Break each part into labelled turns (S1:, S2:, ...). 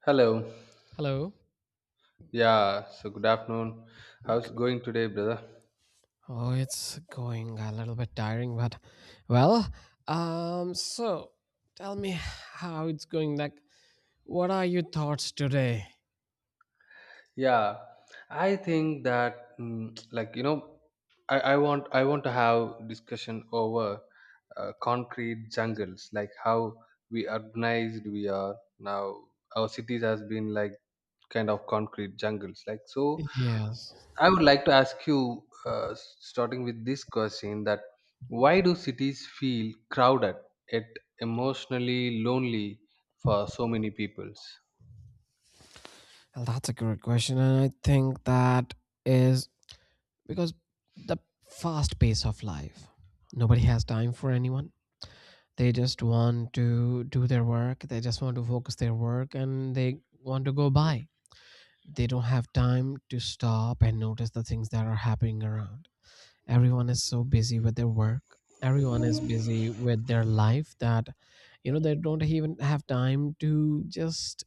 S1: Hello.
S2: Hello.
S1: Yeah, so good afternoon. How's it going today, brother?
S2: Oh, it's going a little bit tiring, but well, so tell me how it's going. Like, what are your thoughts today?
S1: Yeah, I think that like I want to have discussion over concrete jungles, like how we urbanized we are now. Our cities has been like kind of concrete jungles, like so.
S2: Yes.
S1: I would like to ask you, starting with this question, that why do cities feel crowded yet emotionally lonely for so many peoples?
S2: Well, that's a good question, and I think that is because the fast pace of life. Nobody has time for anyone. They just want to do their work. They just want to focus their work, and they want to go by. They don't have time to stop and notice the things that are happening around. Everyone is so busy with their work. Everyone is busy with their life that, they don't even have time to just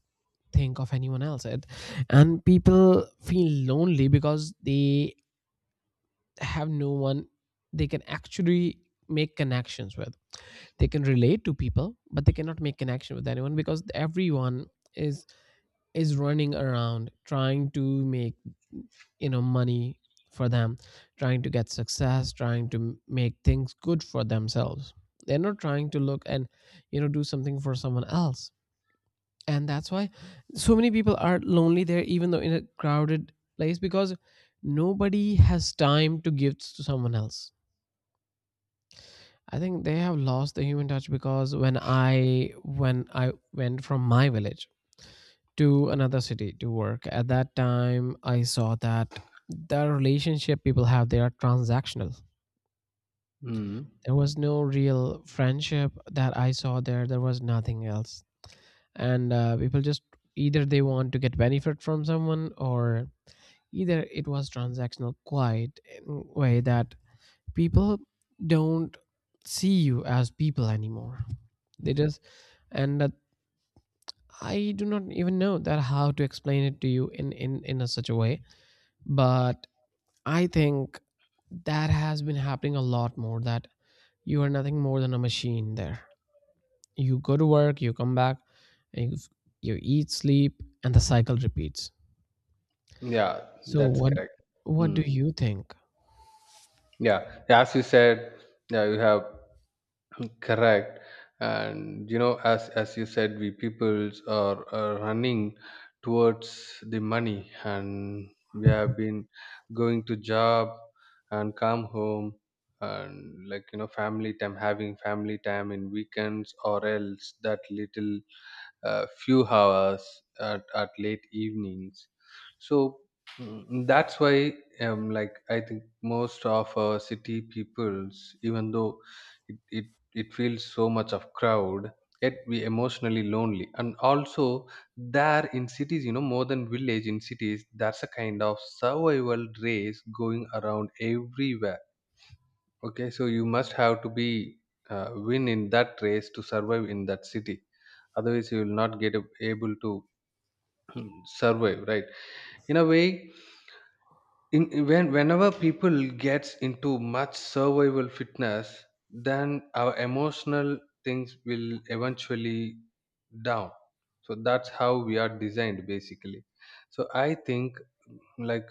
S2: think of anyone else. And people feel lonely because they have no one they can actually make connections with. They can relate to people, but they cannot make connection with anyone because everyone is is running around trying to make, money for them, trying to get success, trying to make things good for themselves. They're not trying to look and, do something for someone else. And that's why so many people are lonely there, even though in a crowded place, because nobody has time to give to someone else. I think they have lost the human touch because when I went from my village to another city to work. At that time, I saw that the relationship people have, they are transactional.
S1: Mm.
S2: There was no real friendship that I saw there. There was nothing else. And people just either they want to get benefit from someone, or either it was transactional quiet in a way that people don't see you as people anymore. They just, and that, I do not even know that how to explain it to you in a such a way. But I think that has been happening a lot more. That you are nothing more than a machine. There, you go to work, you come back, and you eat, sleep, and the cycle repeats.
S1: Yeah,
S2: So
S1: that's
S2: what
S1: correct.
S2: what do
S1: Mm.
S2: you think?
S1: Yeah, as you said, yeah, you have. Correct. And as you said, we peoples are, running towards the money, and we have been going to job and come home and like family time having family time in weekends, or else that little few hours at late evenings. So that's why, like, I think most of our city peoples, even though it, it it feels so much of crowd, yet we emotionally lonely. And also, there in cities, you know, more than village, in cities there's a kind of survival race going around everywhere. Okay, so you must have to be win in that race to survive in that city. Otherwise, you will not get able to survive, right? In a way, in, when whenever people gets into much survival fitness, then our emotional things will eventually down. So that's how we are designed, basically. So I think, like,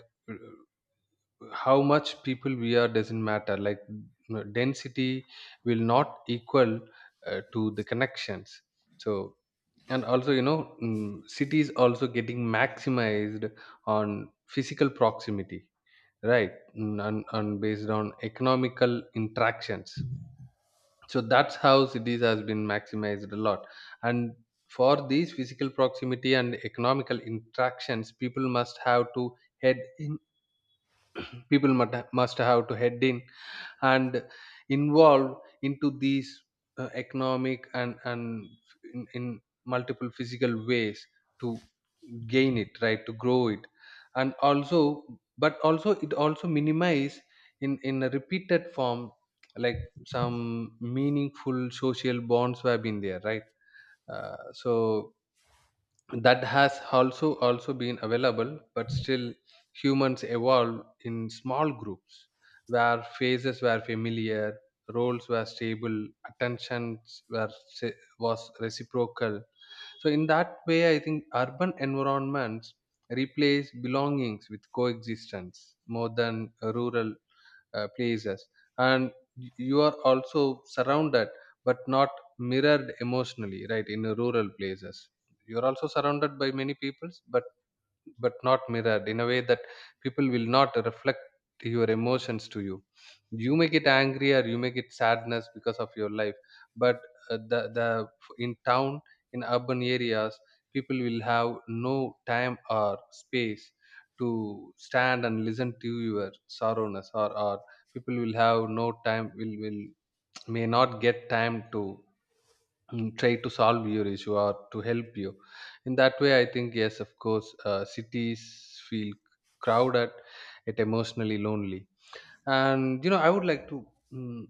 S1: how much people we are doesn't matter. Like density will not equal to the connections. So, and also, you know, cities also getting maximized on physical proximity, right? Mm, and based on economical interactions. So that's how cities has been maximized a lot. And for these physical proximity and economical interactions, people must have to head in people must have to head in and involve into these economic and in multiple physical ways to gain it, right, to grow it. And also, but also it also minimize in a repeated form, like some meaningful social bonds have been there, right? So that has also been available, but still humans evolved in small groups where faces were familiar, roles were stable, attentions se- was reciprocal. So in that way, I think urban environments replace belongings with coexistence more than rural places. And you are also surrounded but not mirrored emotionally, right? In rural places, you're also surrounded by many peoples, but not mirrored in a way that people will not reflect your emotions to you. You may get angry or you may get sadness because of your life, but the in town in urban areas, people will have no time or space to stand and listen to your sorrowness, or people will have no time, will may not get time to try to solve your issue or to help you. In that way, I think, yes, of course, cities feel crowded, it emotionally lonely. And I would like to mm,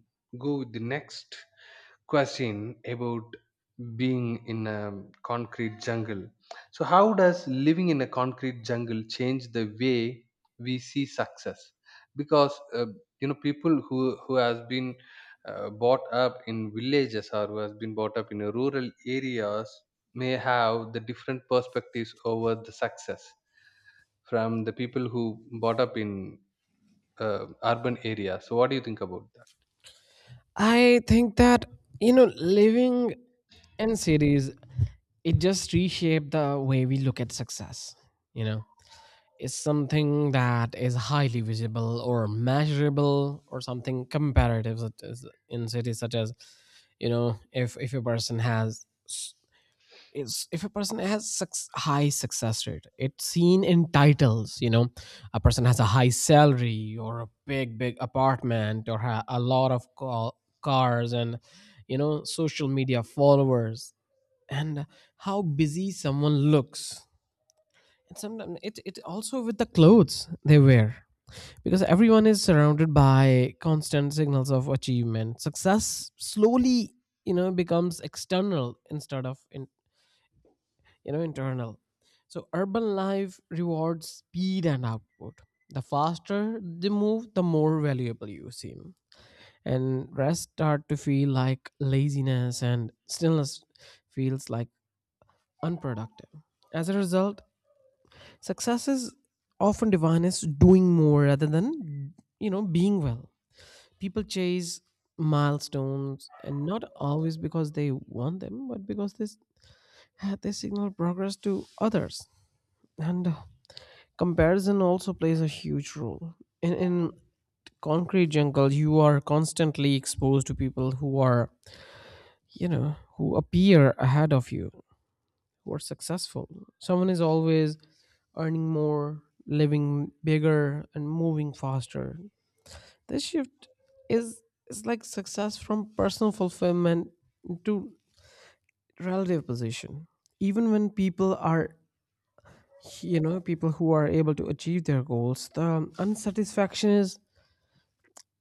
S1: go with the next question about being in a concrete jungle. So, how does living in a concrete jungle change the way we see success? Because, you know, people who has been brought up in villages, or who has been brought up in a rural areas, may have the different perspectives over the success from the people who brought up in urban areas. So, what do you think about that?
S2: I think that, you know, living in cities, it just reshaped the way we look at success. You know, it's something that is highly visible or measurable or something comparative, such as in cities, such as, you know, if a person has high success rate. It's seen in titles. You know, a person has a high salary or a big apartment or a lot of cars and, social media followers, and how busy someone looks, and sometimes it also with the clothes they wear. Because everyone is surrounded by constant signals of achievement, success slowly, becomes external instead of in, you know internal. So urban life rewards speed and output. The faster they move, the more valuable you seem, and rest start to feel like laziness, and stillness feels like unproductive. As a result, success is often defined as doing more rather than, being well. People chase milestones, and not always because they want them, but because this they signal progress to others. And comparison also plays a huge role in concrete jungle. You are constantly exposed to people who are, who appear ahead of you, who are successful. Someone is always earning more, living bigger, and moving faster. This shift is is like success from personal fulfillment to relative position. Even when people are, people who are able to achieve their goals, the unsatisfaction is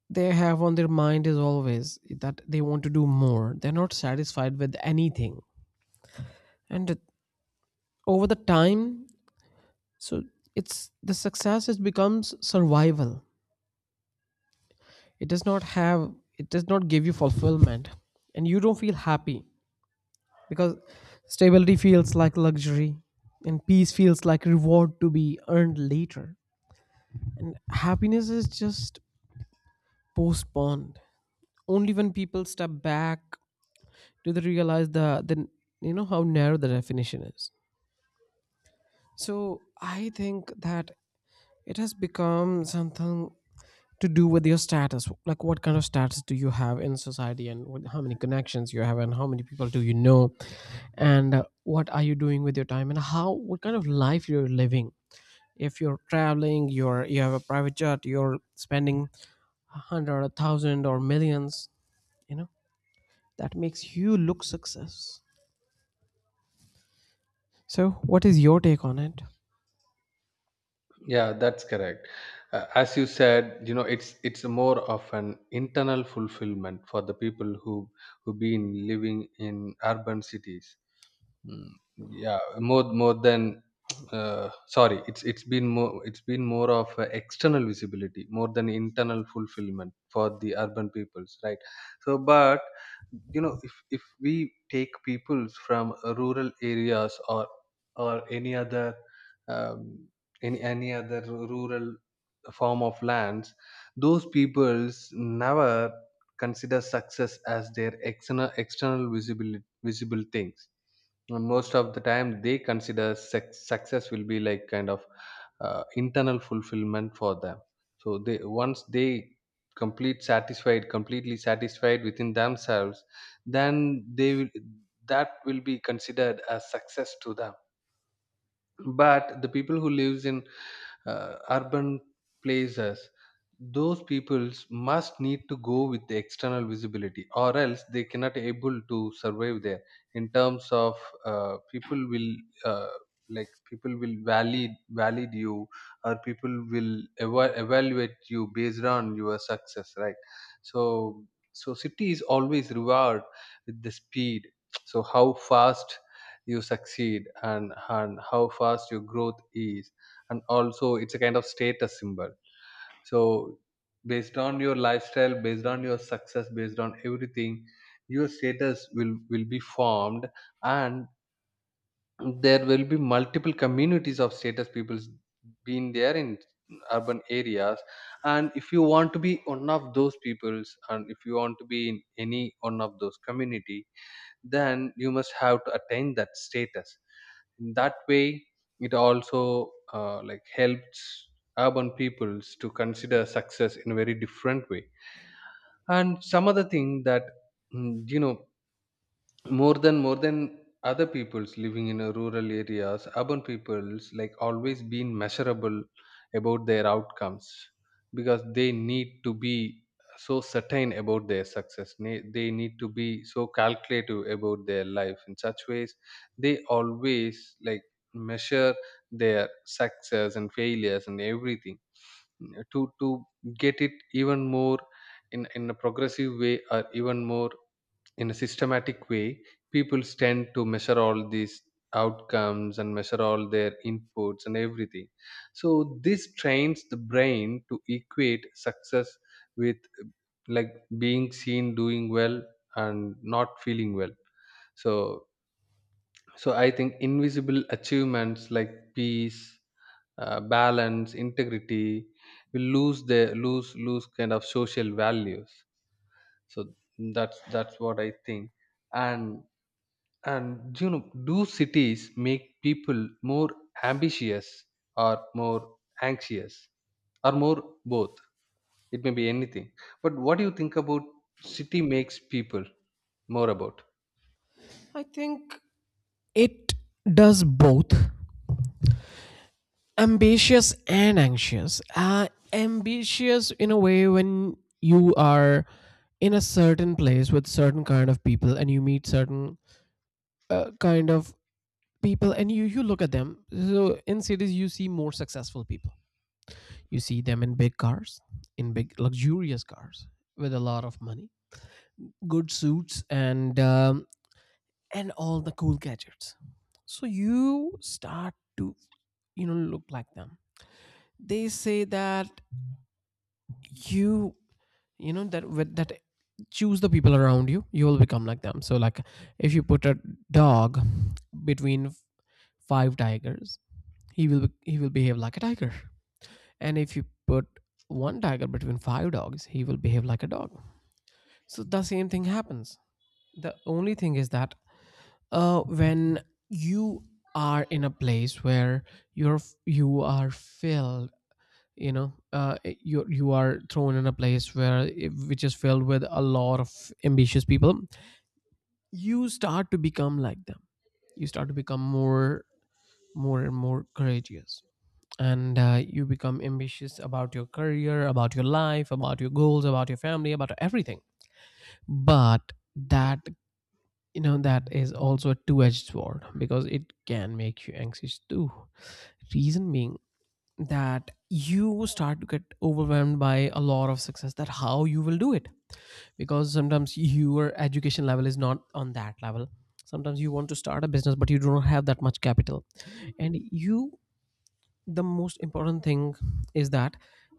S2: they have on their mind is always that they want to do more. They're not satisfied with anything. And over the time, so it's the success, it becomes survival. it does not have it does not give you fulfillment, and you don't feel happy because stability feels like luxury, and peace feels like reward to be earned later. And happiness is just postponed. Only when people step back do they realize the you know how narrow the definition is. So I think that it has become something to do with your status, like what kind of status do you have in society, and how many connections you have, and how many people do you know. And what are you doing with your time, and how what kind of life you're living. If you're traveling, you have a private jet, you're spending a hundred, a thousand, or millions, you know that makes you look success. So what is your take on it?
S1: Yeah, that's correct. As you said, you know, it's more of an internal fulfillment for the people who been living in urban cities. Mm, yeah, more than sorry, it's been more of a external visibility more than internal fulfillment for the urban peoples, right? So but, you know, if we take peoples from rural areas, or any other, um, any other rural form of lands, those peoples never consider success as their external visible things. And most of the time, they consider success will be like kind of internal fulfillment for them. So they once they completely satisfied within themselves, then they will, that will be considered as success to them. But the people who lives in urban places, those peoples must need to go with the external visibility, or else they cannot able to survive there. In terms of, people will uh, valid you, or people will evaluate you based on your success, right? So, so city is always reward with the speed. So how fast you succeed, and how fast your growth is. And also, it's a kind of status symbol. So based on your lifestyle, based on your success, based on everything, your status will be formed. And there will be multiple communities of status people being there in urban areas. And if you want to be one of those peoples, and if you want to be in any one of those community, then you must have to attain that status. In that way, it also like helps urban peoples to consider success in a very different way. And some other thing, that you know, more than other peoples living in a rural areas, urban peoples like always been measurable about their outcomes, because they need to be so certain about their success. They need to be so calculative about their life, in such ways they always like measure their success and failures and everything, to get it even more in a progressive way, or even more in a systematic way. People tend to measure all these outcomes and measure all their inputs and everything. So this trains the brain to equate success with, like, being seen doing well and not feeling well. So, so I think invisible achievements like peace, balance, integrity will lose their lose lose kind of social values. So, that's what I think. And and you know, do cities make people more ambitious, or more anxious, or more both? It may be anything. But what do you think about city makes people more about?
S2: I think it does both, ambitious and anxious. Ambitious in a way when you are in a certain place with certain kind of people, and you meet certain kind of people, and you look at them. So in cities, you see more successful people. You see them in big cars, in big luxurious cars, with a lot of money, good suits, and and all the cool gadgets. So you start to look like them. They say that you you know that with that choose the people around you, you will become like them. So like if you put a dog between five tigers, he will behave like a tiger. And if you put one tiger between five dogs, he will behave like a dog. So the same thing happens. The only thing is that when you are in a place where you're you are filled, you are thrown in a place where, which is filled with a lot of ambitious people. You start to become like them. You start to become more and more courageous. And you become ambitious about your career, about your life, about your goals, about your family, about everything. But that, that is also a two-edged sword because it can make you anxious too. Reason being that you start to get overwhelmed by a lot of success, that how you will do it. Because sometimes your education level is not on that level. Sometimes you want to start a business, but you do not have that much capital. And you the most important thing is that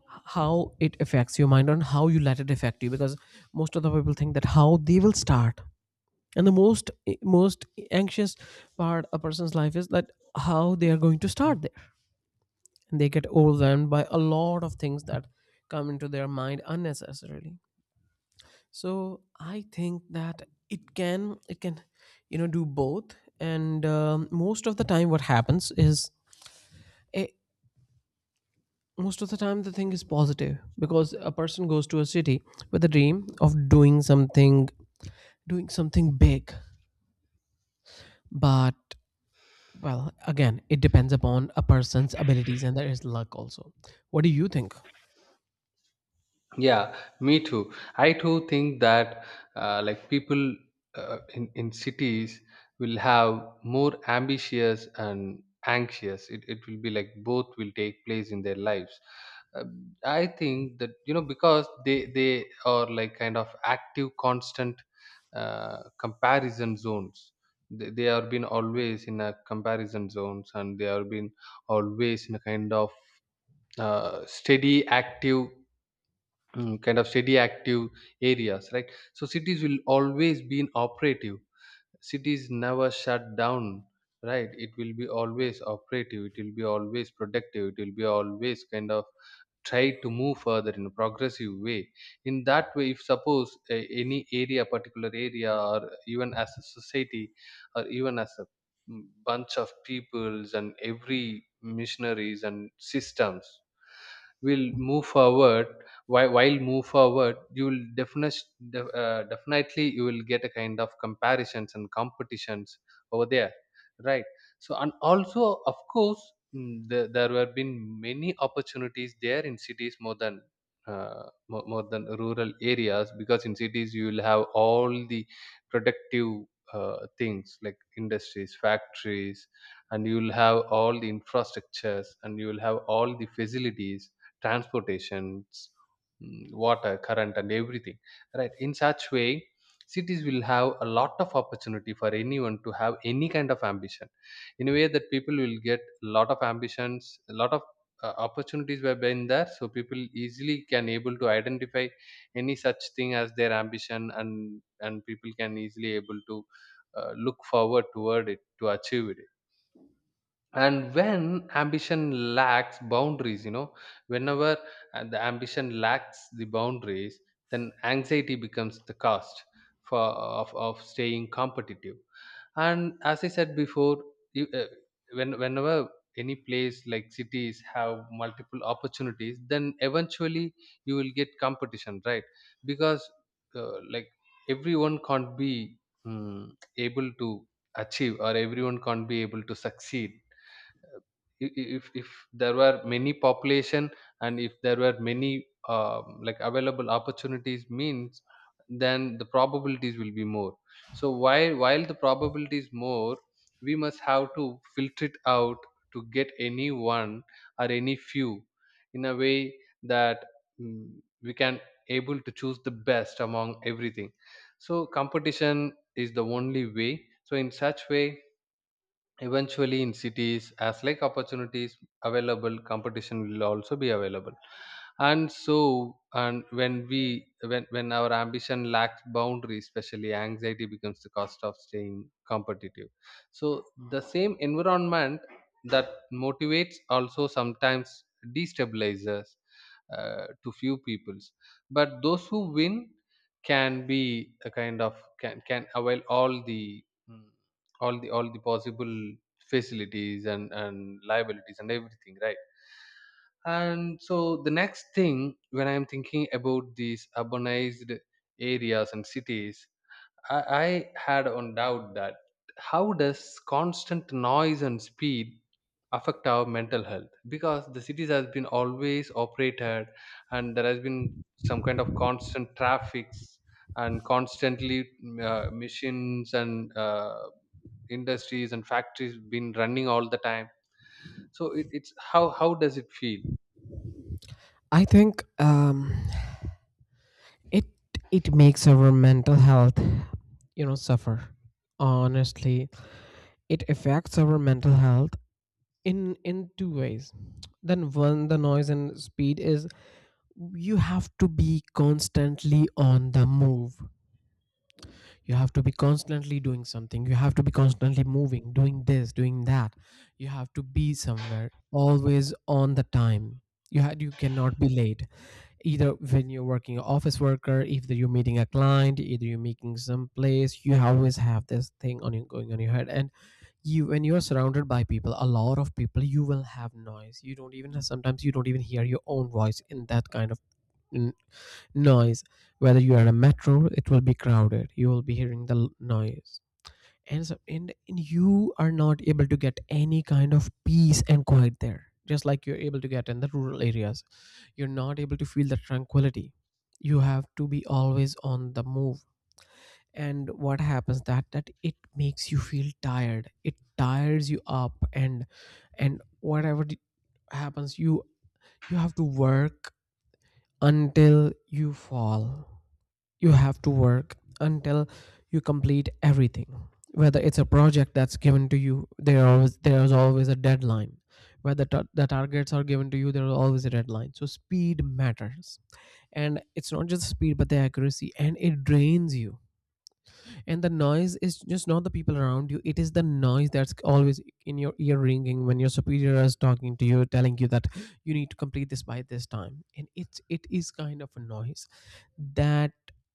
S2: how it affects your mind, and how you let it affect you. Because most of the people think that how they will start, and the most anxious part a person's life is that how they are going to start, and they get overwhelmed by a lot of things that come into their mind unnecessarily. So I think that it can, do both. And most of the time what happens is, a, most of the time the thing is positive, because a person goes to a city with a dream of doing something, doing something big. But, well, again, it depends upon a person's abilities, and there is luck also. What do you think?
S1: Yeah, me too. I too think that, like, people in cities will have more ambitious and anxious. It will be like both will take place in their lives. Uh, I think that, you know, because they are like kind of active, constant comparison zones. They have been always in a comparison zones, and they have been always in a kind of steady, active, kind of steady active areas, right? So cities will always be in operative. Cities never shut down, right? It will be always operative, it will be always productive, it will be always kind of try to move further in a progressive way. In that way, if suppose a, any area, particular area, or even as a society, or even as a bunch of peoples, and every missionaries and systems will move forward. While move forward, you will definitely, you will get a kind of comparisons and competitions over there, right? So, and also of course, there were been many opportunities there in cities, more than more than rural areas. Because in cities, you will have all the productive things like industries, factories. And you will have all the infrastructures, and you will have all the facilities, transportations, water current and everything, right? In such way, cities will have a lot of opportunity for anyone to have any kind of ambition. In a way that people will get a lot of ambitions, a lot of opportunities were been there. So people easily can able to identify any such thing as their ambition, and people can easily able to look forward toward it to achieve it. And when ambition lacks boundaries, you know, whenever the ambition lacks the boundaries, then anxiety becomes the cost for of staying competitive. And as I said before, you, whenever any place like cities have multiple opportunities, then eventually you will get competition, right? Because, like, everyone can't be mm able to achieve, or everyone can't be able to succeed. If there were many population, and if there were many, like, available opportunities, means then the probabilities will be more. So while the probability is more, we must have to filter it out to get any one or any few in a way that, mm, we can able to choose the best among everything. So competition is the only way. So in such way, eventually in cities, as like opportunities available, competition will also be available. And so, and when we when our ambition lacks boundaries, especially, anxiety becomes the cost of staying competitive. So the same environment that motivates also sometimes destabilizes to few peoples, but those who win can be a kind of can avail all the mm, all the possible facilities and liabilities and everything, right. And so the next thing, when I'm thinking about these urbanized areas and cities, I had on doubt that how does constant noise and speed affect our mental health? Because the cities has been always operated, and there has been some kind of constant traffics, and constantly machines, and industries and factories been running all the time. So it's how does it feel?
S2: I think it it makes our mental health, suffer, honestly. It affects our mental health in two ways. Then, one, the noise and speed is, you have to be constantly on the move. You have to be constantly doing something. You have to be constantly moving, doing this, doing that. You have to be somewhere always on the time. You cannot be late, either when you're working office worker, either you're meeting a client, either you're making some place. You always have this thing on your going on your head. And you when you're surrounded by people, a lot of people, you will have noise. You don't even hear your own voice in that kind of noise. Whether you are in a metro, it will be crowded, you will be hearing the noise. And so and you are not able to get any kind of peace and quiet there, just like you're able to get in the rural areas. You're not able to feel the tranquility. You have to be always on the move. And what happens, that it makes you feel tired. It tires you up, and whatever happens, you have to work until you fall. You have to work until you complete everything, whether it's a project that's given to you, there's always a deadline. Whether the targets are given to you, there is always a deadline. So speed matters. And it's not just speed, but the accuracy, and it drains you. And the noise is just not the people around you, it is the noise that's always in your ear ringing when your superior is talking to you, telling you that you need to complete this by this time. And it is kind of a noise that,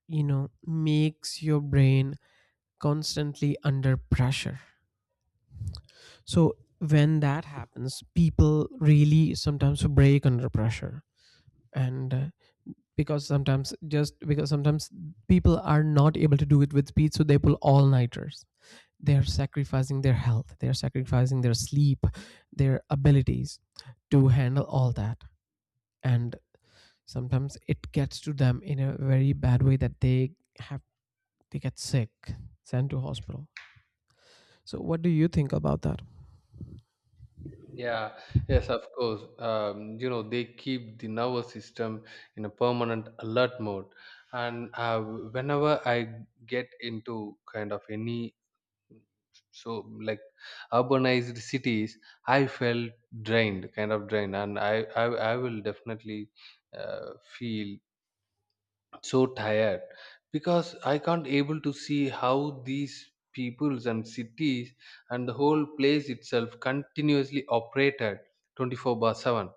S2: makes your brain constantly under pressure. So when that happens, people really sometimes break under pressure. And because sometimes, people are not able to do it with speed, so they pull all nighters. They're sacrificing their health, they're sacrificing their sleep, their abilities to handle all that. And sometimes it gets to them in a very bad way that have they get sick, sent to hospital. So what do you think about that?
S1: Yeah, yes, of course. They keep the nervous system in a permanent alert mode. And whenever I get into kind of any so like urbanized cities, I felt drained, kind of drained, and I will definitely feel so tired, because I can't able to see how these peoples and cities and the whole place itself continuously operated 24 by 7.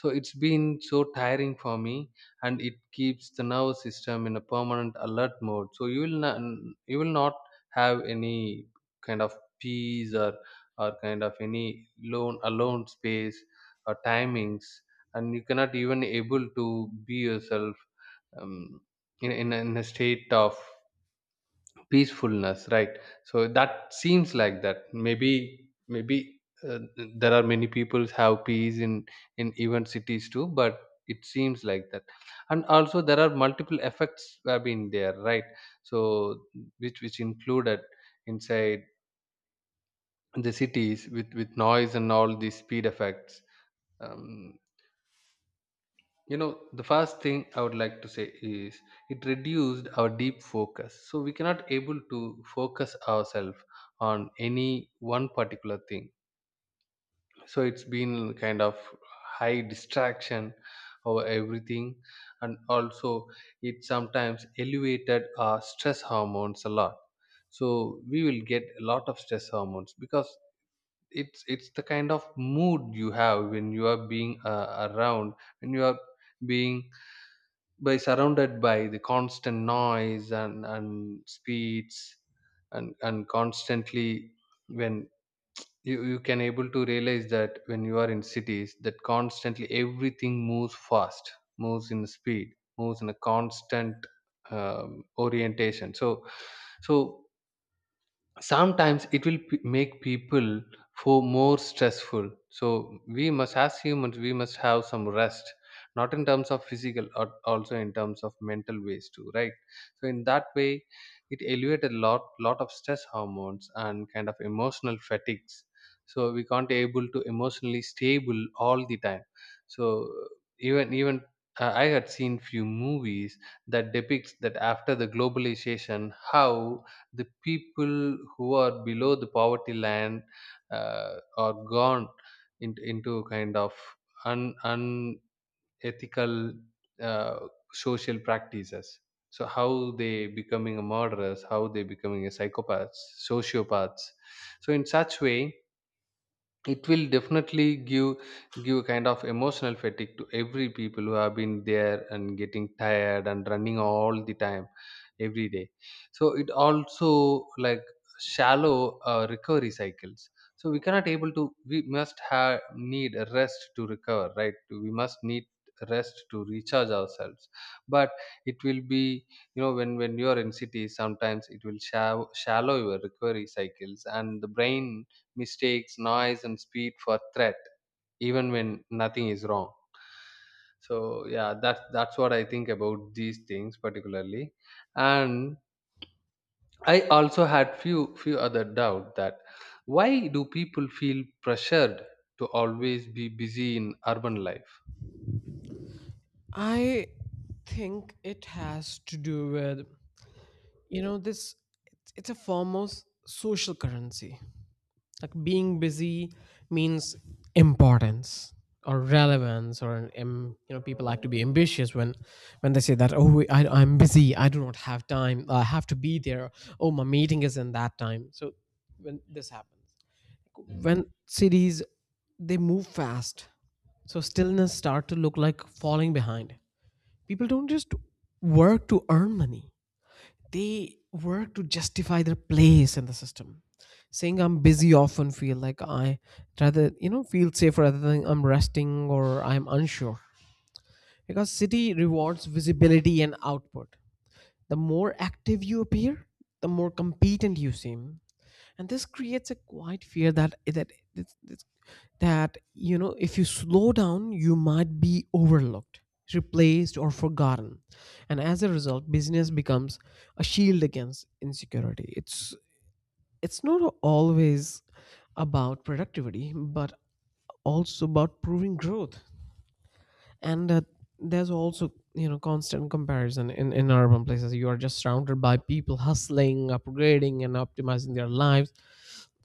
S1: So it's been so tiring for me, and it keeps the nervous system in a permanent alert mode. So you will not, you will not have any kind of peace or kind of any lone alone space or timings, and you cannot even able to be yourself, um, in a state of peacefulness, right? So that seems like that, maybe uh, there are many people have peace in even cities too, but it seems like that. And also there are multiple effects have been there, right? So which included inside the cities with noise and all these speed effects. um, you know, the first thing I would like to say is, it reduced our deep focus, so we cannot able to focus ourselves on any one particular thing. So it's been kind of high distraction over everything. And also, it sometimes elevated our stress hormones a lot. So we will get a lot of stress hormones, because it's the kind of mood you have when you are being around, when you are being by surrounded by the constant noise and speeds, and constantly when you can able to realize that when you are in cities, that constantly everything moves fast, moves in speed, moves in a constant orientation. So so sometimes it will make people for more stressful. So we must, as humans, we must have some rest, not in terms of physical or also in terms of mental ways too, right? So in that way, it elevate a lot of stress hormones and kind of emotional fatigues. So we can't able to emotionally stable all the time. So even I had seen few movies that depicts that after the globalization, how the people who are below the poverty land are gone into kind of un, unethical uh, social practices. So how they becoming a murderers, how they becoming a psychopaths, sociopaths. So in such way, it will definitely give kind of emotional fatigue to every people who have been there and getting tired and running all the time every day. So it also, like, shallow recovery cycles. So we cannot able to, we must have need a rest to recover, right? We must need rest to recharge ourselves. But it will be, you know, when you are in cities, sometimes it will shallow your recovery cycles, and the brain mistakes, noise, and speed for threat, even when nothing is wrong. So yeah, that's what I think about these things particularly. And I also had few other doubt that, why do people feel pressured to always be busy in urban life?
S2: I think it has to do with, you know, this it's a form of social currency. Like being busy means importance or relevance or people like to be ambitious, when they say that, "Oh, I'm busy, I do not have time, I have to be there. Oh, my meeting is in that time." So when this happens, when cities, they move fast, so stillness start to look like falling behind. People don't just work to earn money, they work to justify their place in the system. Saying I'm busy often feel like I rather you know feel safer rather than I'm resting or I'm unsure. Because city rewards visibility and output. The more active you appear, the more competent you seem. And this creates a quiet fear that if you slow down, you might be overlooked, replaced, or forgotten. And as a result, business becomes a shield against insecurity. It's not always about productivity, but also about proving growth. And there's also, constant comparison in urban places. You are just surrounded by people hustling, upgrading, and optimizing their lives.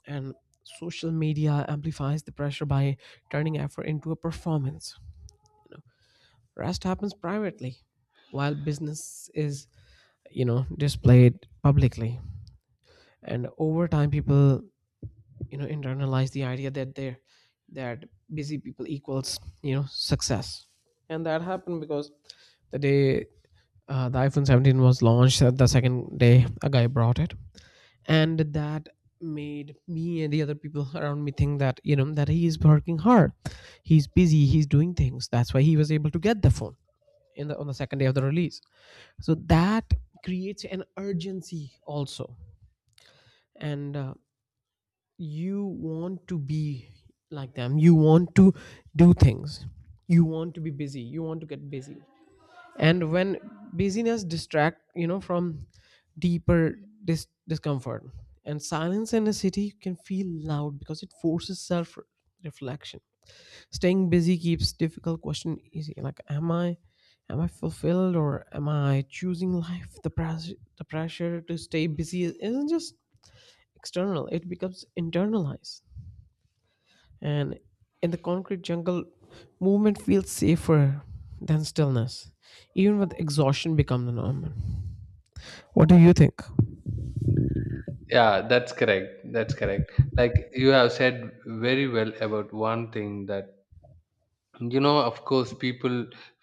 S2: And social media amplifies the pressure by turning effort into a performance. Rest happens privately, while business is, displayed publicly. And over time, people, internalize the idea that busy people equals, success. And that happened because the day, the iPhone 17 was launched, the second day, a guy brought it. And that made me and the other people around me think that you know that he is working hard, he's busy, he's doing things. That's why he was able to get the phone in the on the second day of the release. So that creates an urgency also. And you want to be like them, you want to do things, you want to be busy, you want to get busy. And when busyness distract, from deeper discomfort, and silence in a city can feel loud because it forces self reflection. Staying busy keeps difficult question easy, like am I fulfilled, or am I choosing life? The pressure to stay busy isn't just external, it becomes internalized. And in the concrete jungle, movement feels safer than stillness, even with exhaustion become the norm. What do you think?
S1: Yeah, that's correct. That's correct. Like you have said very well about one thing, that, you know, of course people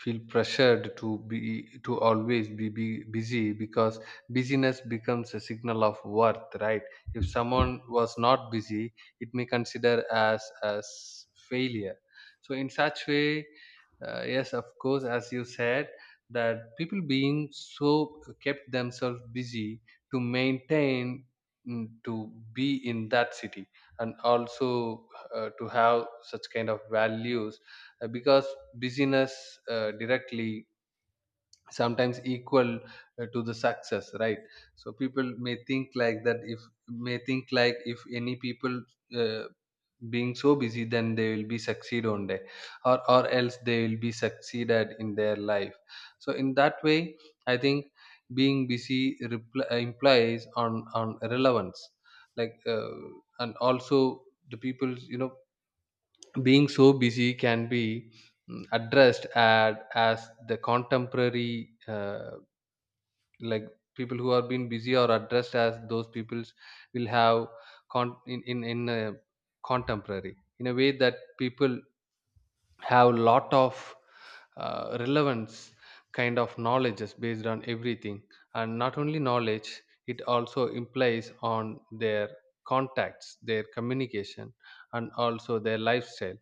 S1: feel pressured to be to always be busy, because busyness becomes a signal of worth, right? If someone was not busy, it may consider as failure. So in such way, yes, of course, as you said that people being so kept themselves busy to maintain, to be in that city, and also to have such kind of values, because busyness directly sometimes equal to the success, right? So people may think like that, if may think like if any people uh, being so busy, then they will be succeed one day, or else they will be succeeded in their life. So in that way, I think being busy implies on relevance, like, and also the people, you know, being so busy, can be addressed as the contemporary, like people who are being busy are addressed as those peoples will have in a contemporary in a way that people have lot of relevance, kind of knowledge based on everything. And not only knowledge, it also implies on their contacts, their communication, and also their lifestyle.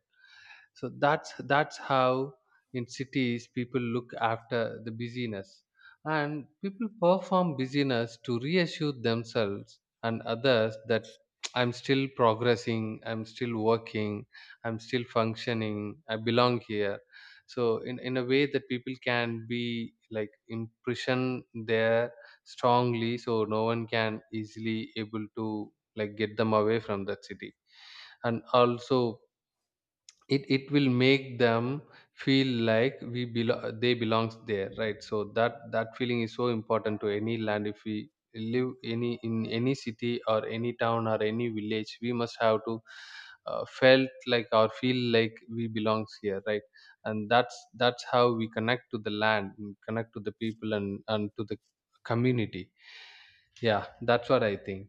S1: So that's how in cities people look after the busyness. And people perform busyness to reassure themselves and others that, I'm still progressing, I'm still working, I'm still functioning, I belong here. So in a way that people can be like impression there strongly, so no one can easily able to, like, get them away from that city. And also, it will make them feel like we they belongs there, right? So that that feeling is so important to any land. If we live any in any city or any town or any village, we must have to felt like or feel like we belongs here, right? And that's how we connect to the land and connect to the people and to the community. Yeah, that's what I think.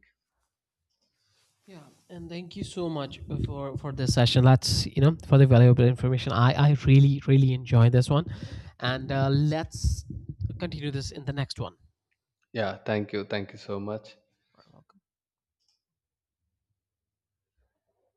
S2: Yeah, and thank you so much for this session. That's, for the valuable information. I really really enjoy this one. And let's continue this in the next one.
S1: Yeah, thank you, thank you so much.
S2: Very well.